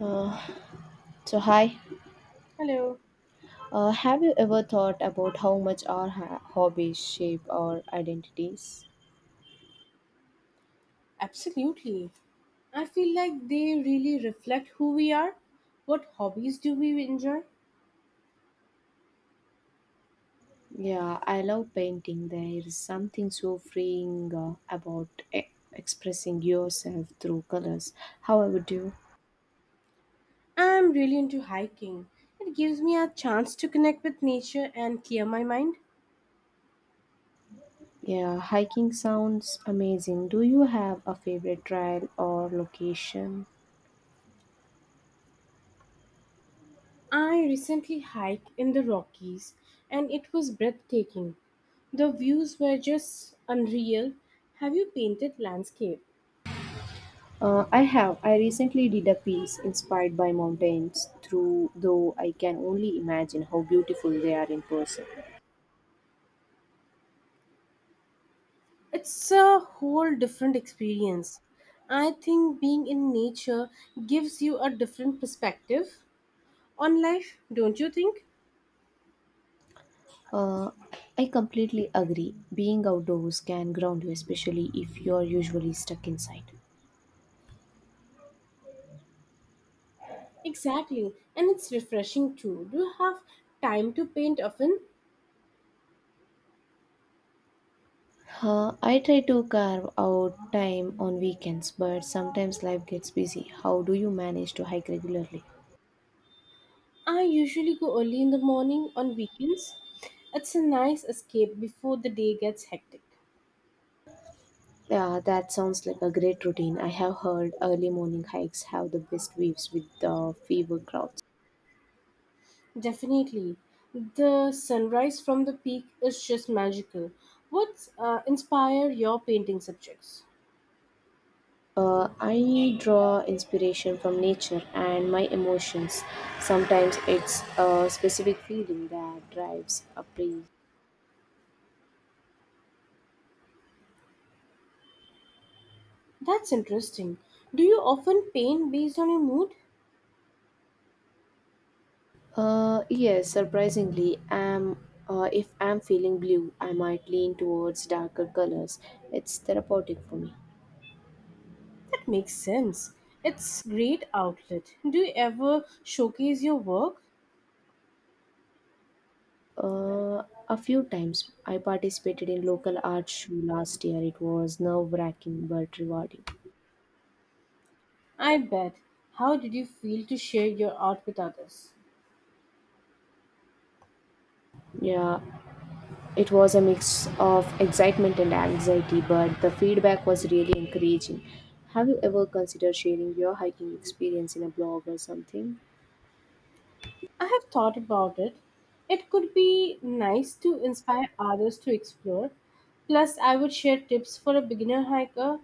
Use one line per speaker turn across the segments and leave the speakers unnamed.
Uh, so hi,
Hello.
have you ever thought about how much our hobbies shape our identities?
Absolutely. I feel like they really reflect who we are. What hobbies do we enjoy?
Yeah, I love painting. There is something so freeing about expressing yourself through colors. How about you?
I'm really into hiking. It gives me a chance to connect with nature and clear my mind.
Yeah, hiking sounds amazing. Do you have a favorite trail or location?
I recently hiked in the Rockies and it was breathtaking. The views were just unreal. Have you painted landscape?
I have. I recently did a piece inspired by mountains, through though I can only imagine how beautiful they are in person.
It's a whole different experience. I think being in nature gives you a different perspective on life, don't you think?
Uh, I completely agree. Being outdoors can ground you, especially if you are usually stuck inside.
Exactly, and it's refreshing too. Do you have time to paint often?
I try to carve out time on weekends, but sometimes life gets busy. How do you manage to hike regularly?
I usually go early in the morning on weekends. It's a nice escape before the day gets hectic.
Yeah, that sounds like a great routine. I have heard early morning hikes have the best waves with the fever crowds.
Definitely. The sunrise from the peak is just magical. What inspire your painting subjects?
I draw inspiration from nature and my emotions. Sometimes it's a specific feeling that drives a place.
That's interesting. Do you often paint based on your mood?
Yes, surprisingly, am if I'm feeling blue, I might lean towards darker colors. It's therapeutic for me.
That makes sense. It's great outlet. Do you ever showcase your work?
A few times I participated in local art show last year. It was nerve-wracking but rewarding.
I bet. How did you feel to share your art with others?
Yeah, it was a mix of excitement and anxiety, but the feedback was really encouraging. Have you ever considered sharing your hiking experience in a blog or something?
I have thought about it. It could be nice to inspire others to explore. Plus, I would share tips for a beginner hiker,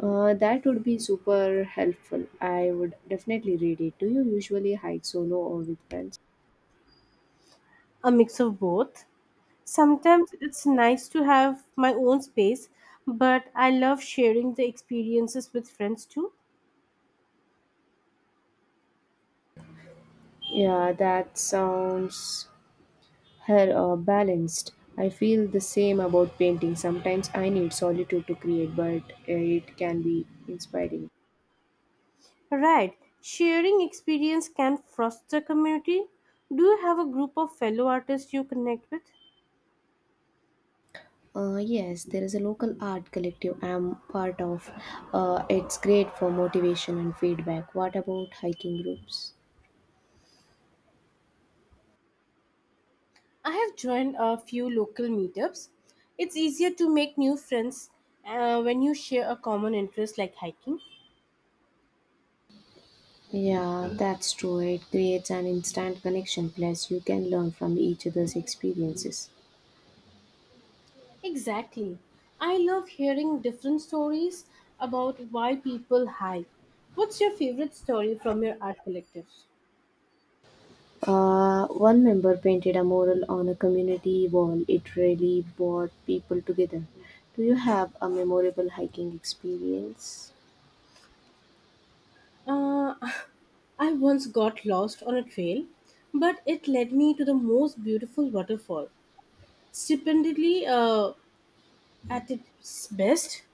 That would be super helpful. I would definitely read it. Do you usually hike solo or with friends?
a mix of both. Sometimes it's nice to have my own space, but I love sharing the experiences with friends too.
Yeah, that sounds balanced. I feel the same about painting. Sometimes I need solitude to create, but it can be inspiring.
Right, sharing experience can foster community. Do you have a group of fellow artists you connect with?
Yes, there is a local art collective I'm part of. It's great for motivation and feedback. What about hiking groups?
I have joined a few local meetups. It's easier to make new friends when you share a common interest like hiking.
Yeah, that's true. It creates an instant connection, plus, you can learn from each other's experiences.
Exactly. I love hearing different stories about why people hike. What's your favorite story from your art collectives?
One member painted a mural on a community wall. It really brought people together. Do you have a memorable hiking experience?
Uh, I once got lost on a trail, but it led me to the most beautiful waterfall. Stupendly at its best.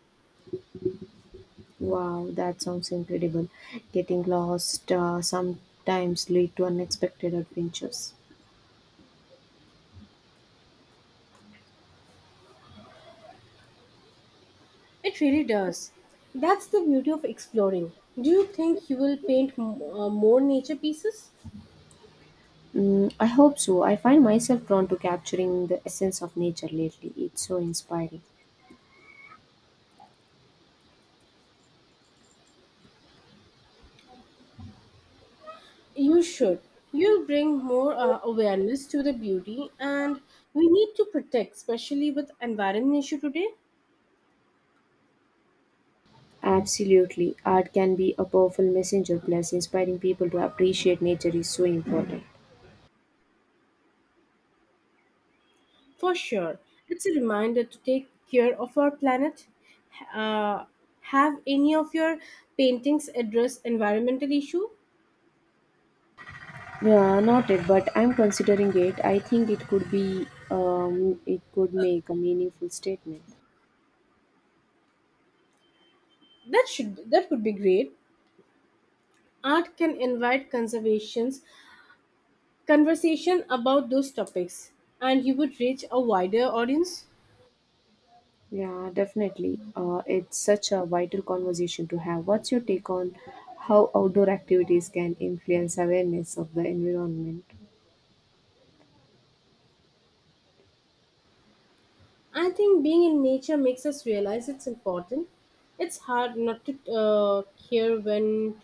Wow, that sounds incredible. Getting lost sometimes lead to unexpected adventures.
It really does. That's the beauty of exploring. Do you think you will paint more nature pieces?
Mm, I hope so. I find myself drawn to capturing the essence of nature lately. It's so inspiring.
You should. You'll bring more awareness to the beauty, and we need to protect, especially with environment issue today.
Absolutely. Art can be a powerful messenger, plus, inspiring people to appreciate nature is so important.
For sure, it's a reminder to take care of our planet. Uh, have any of your paintings address environmental issue?
Yeah, noted, but I'm considering it. I think it could be, it could make a meaningful statement.
That would be great. Art can invite conservations conversation about those topics and you would reach a wider audience.
Yeah, definitely. It's such a vital conversation to have. What's your take on how outdoor activities can influence awareness of the environment?
I think being in nature makes us realize it's important. It's hard not to care when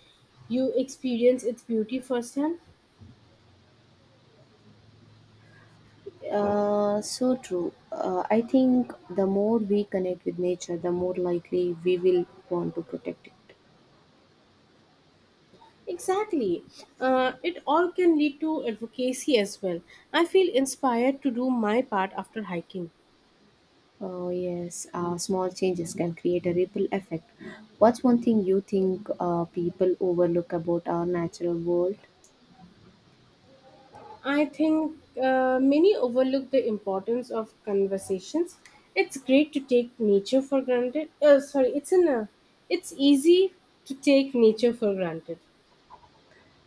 you experience its beauty firsthand.
So true. I think the more we connect with nature, the more likely we will want to protect it.
Exactly. It all can lead to advocacy as well. I feel inspired to do my part after hiking.
Oh, yes, small changes can create a ripple effect. What's one thing you think people overlook about our natural world?
I think many overlook the importance of conversations. It's great to take nature for granted. Sorry, it's in a, It's easy to take nature for granted.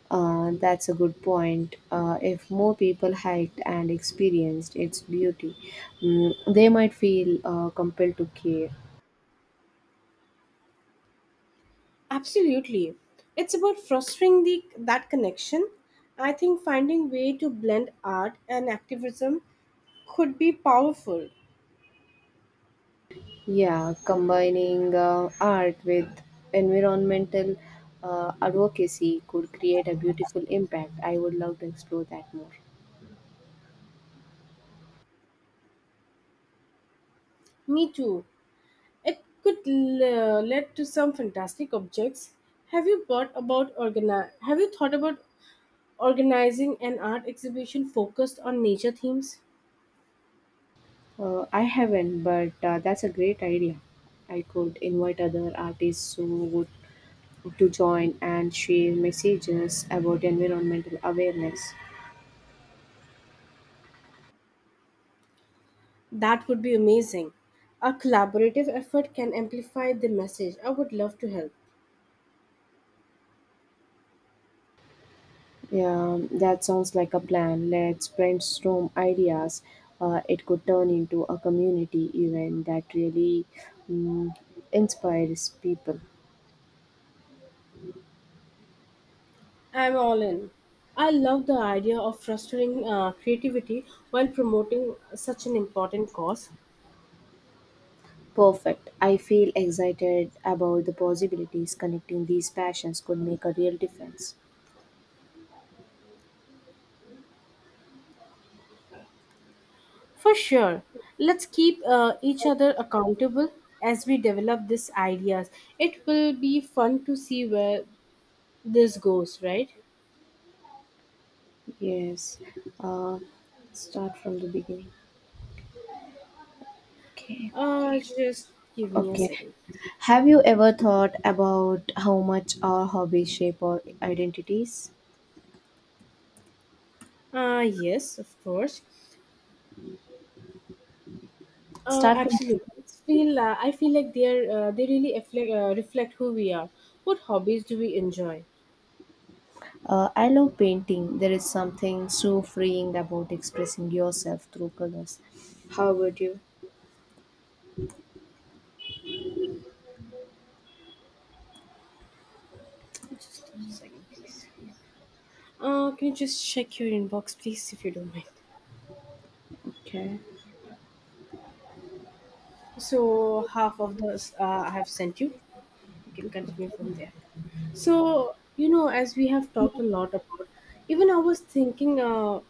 That's a good point. If more people hiked and experienced its beauty, mm, they might feel compelled to care.
Absolutely, it's about fostering the that connection. I think finding way to blend art and activism could be powerful.
Yeah, combining art with environmental advocacy could create a beautiful impact. I would love to explore that more.
Me too. It could lead to some fantastic objects. Have you thought about organizing an art exhibition focused on nature themes?
I haven't, but that's a great idea. I could invite other artists who would to join and share messages about environmental awareness.
That would be amazing. A collaborative effort can amplify the message. I would love to help.
Yeah, that sounds like a plan. Let's brainstorm ideas. It could turn into a community event that really mm, inspires people.
I'm all in. I love the idea of fostering creativity while promoting such an important cause.
Perfect. I feel excited about the possibilities connecting these passions could make a real difference.
For sure, let's keep each other accountable as we develop these ideas. It will be fun to see where this goes, right?
Yes. Uh, start from the beginning. Okay.
Just give me a
Okay.
second.
Have you ever thought about how much our hobbies shape our identities?
Yes, of course.
Start from the beginning.
Absolutely. It's feel I feel like they really reflect who we are. What hobbies do we enjoy?
I love painting. There is something so freeing about expressing yourself through colors. How about you?
Just a second, please. Can you just check your inbox, please, if you don't mind?
Okay.
So half of the I have sent you. You can continue from there. So, you know, as we have talked a lot about, even I was thinking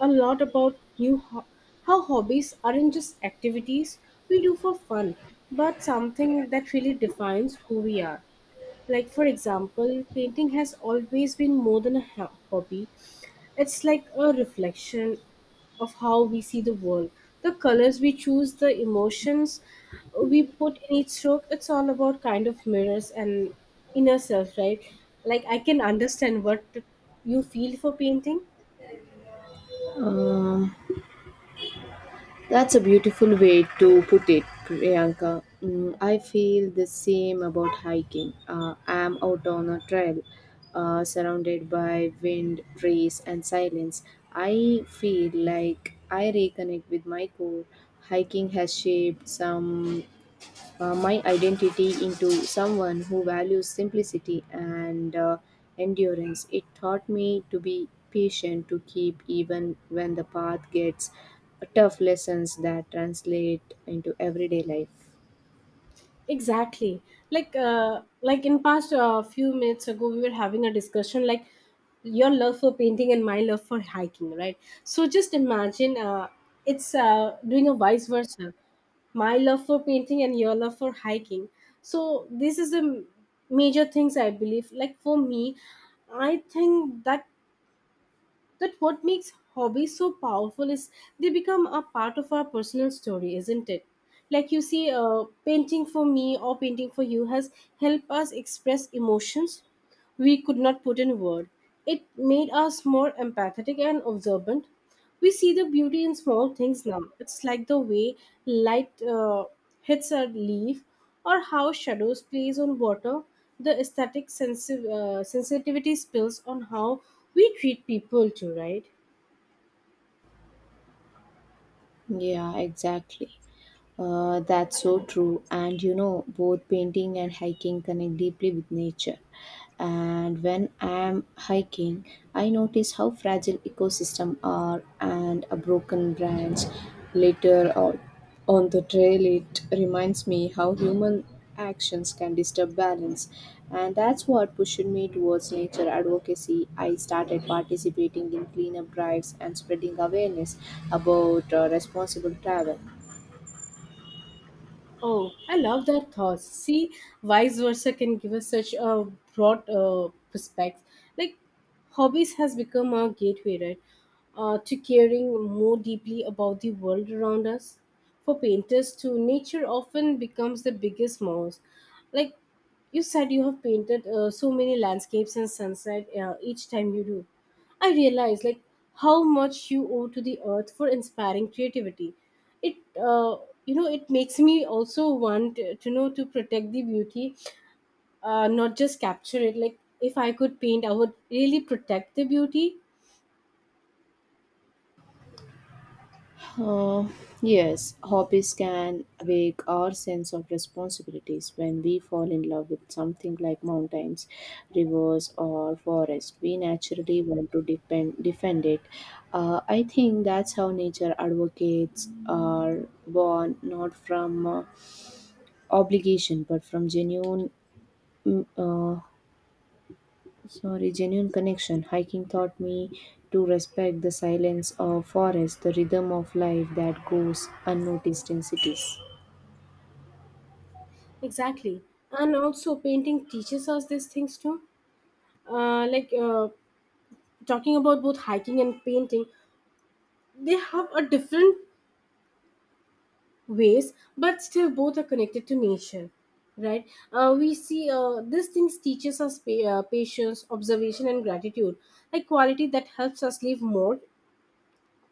a lot about how hobbies aren't just activities we do for fun, but something that really defines who we are. Like, for example, painting has always been more than a hobby, it's like a reflection of how we see the world. The colors we choose, the emotions we put in each stroke, it's all about kind of mirrors and inner self, right? Like I can understand what you feel for painting,
Um, that's a beautiful way to put it, Priyanka. Mm, I feel the same about hiking. I'm out on a trail, surrounded by wind, trees, and silence. I feel like I reconnect with my core. Hiking has shaped some my identity into someone who values simplicity and endurance. It taught me to be patient, to keep even when the path gets tough lessons that translate into everyday life.
exactly. Like like in past few minutes ago we were having a discussion, like your love for painting and my love for hiking, right? So just imagine, it's doing a vice versa, my love for painting and your love for hiking. So this is the major things I believe. Like, for me, I think that what makes hobbies so powerful is they become a part of our personal story, isn't it? Like you see, painting for me or painting for you has helped us express emotions we could not put in word. It made us more empathetic and observant. We see the beauty in small things now. It's like the way light hits a leaf or how shadows plays on water. The aesthetic sensitivity spills on how we treat people too, right?
Yeah, exactly. That's so true. And you know, both painting and hiking connect deeply with nature. And when I'm hiking, I notice how fragile ecosystems are and a broken branch litter or on the trail, it reminds me how human actions can disturb balance, and that's what pushed me towards nature advocacy. I started participating in cleanup drives and spreading awareness about responsible travel.
Oh, I love that thought. See, vice versa can give us such a broad perspective. Like, hobbies has become our gateway, right, to caring more deeply about the world around us. For painters, too, nature often becomes the biggest mouse. Like, you said, you have painted so many landscapes and sunset each time you do. I realize like how much you owe to the earth for inspiring creativity. It You know, it makes me also want to know to protect the beauty, not just capture it. Like if I could paint, I would really protect the beauty.
Uh, yes, hobbies can awake our sense of responsibilities when we fall in love with something like mountains, rivers, or forest. We naturally want to defend it. I think that's how nature advocates are born, not from obligation, but from genuine mm, uh, genuine connection. Hiking taught me to respect the silence of forest, the rhythm of life that goes unnoticed in cities.
Exactly, and also painting teaches us these things too. Uh, like uh, Talking about both hiking and painting, they have a different ways but still both are connected to nature, right? We see these things teaches us patience, observation and gratitude, a quality that helps us live more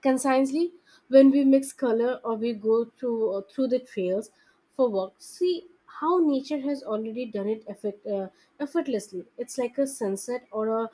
consciously. When we mix color or we go through through the trails for work, see how nature has already done it effect, effortlessly. It's like a sunset or a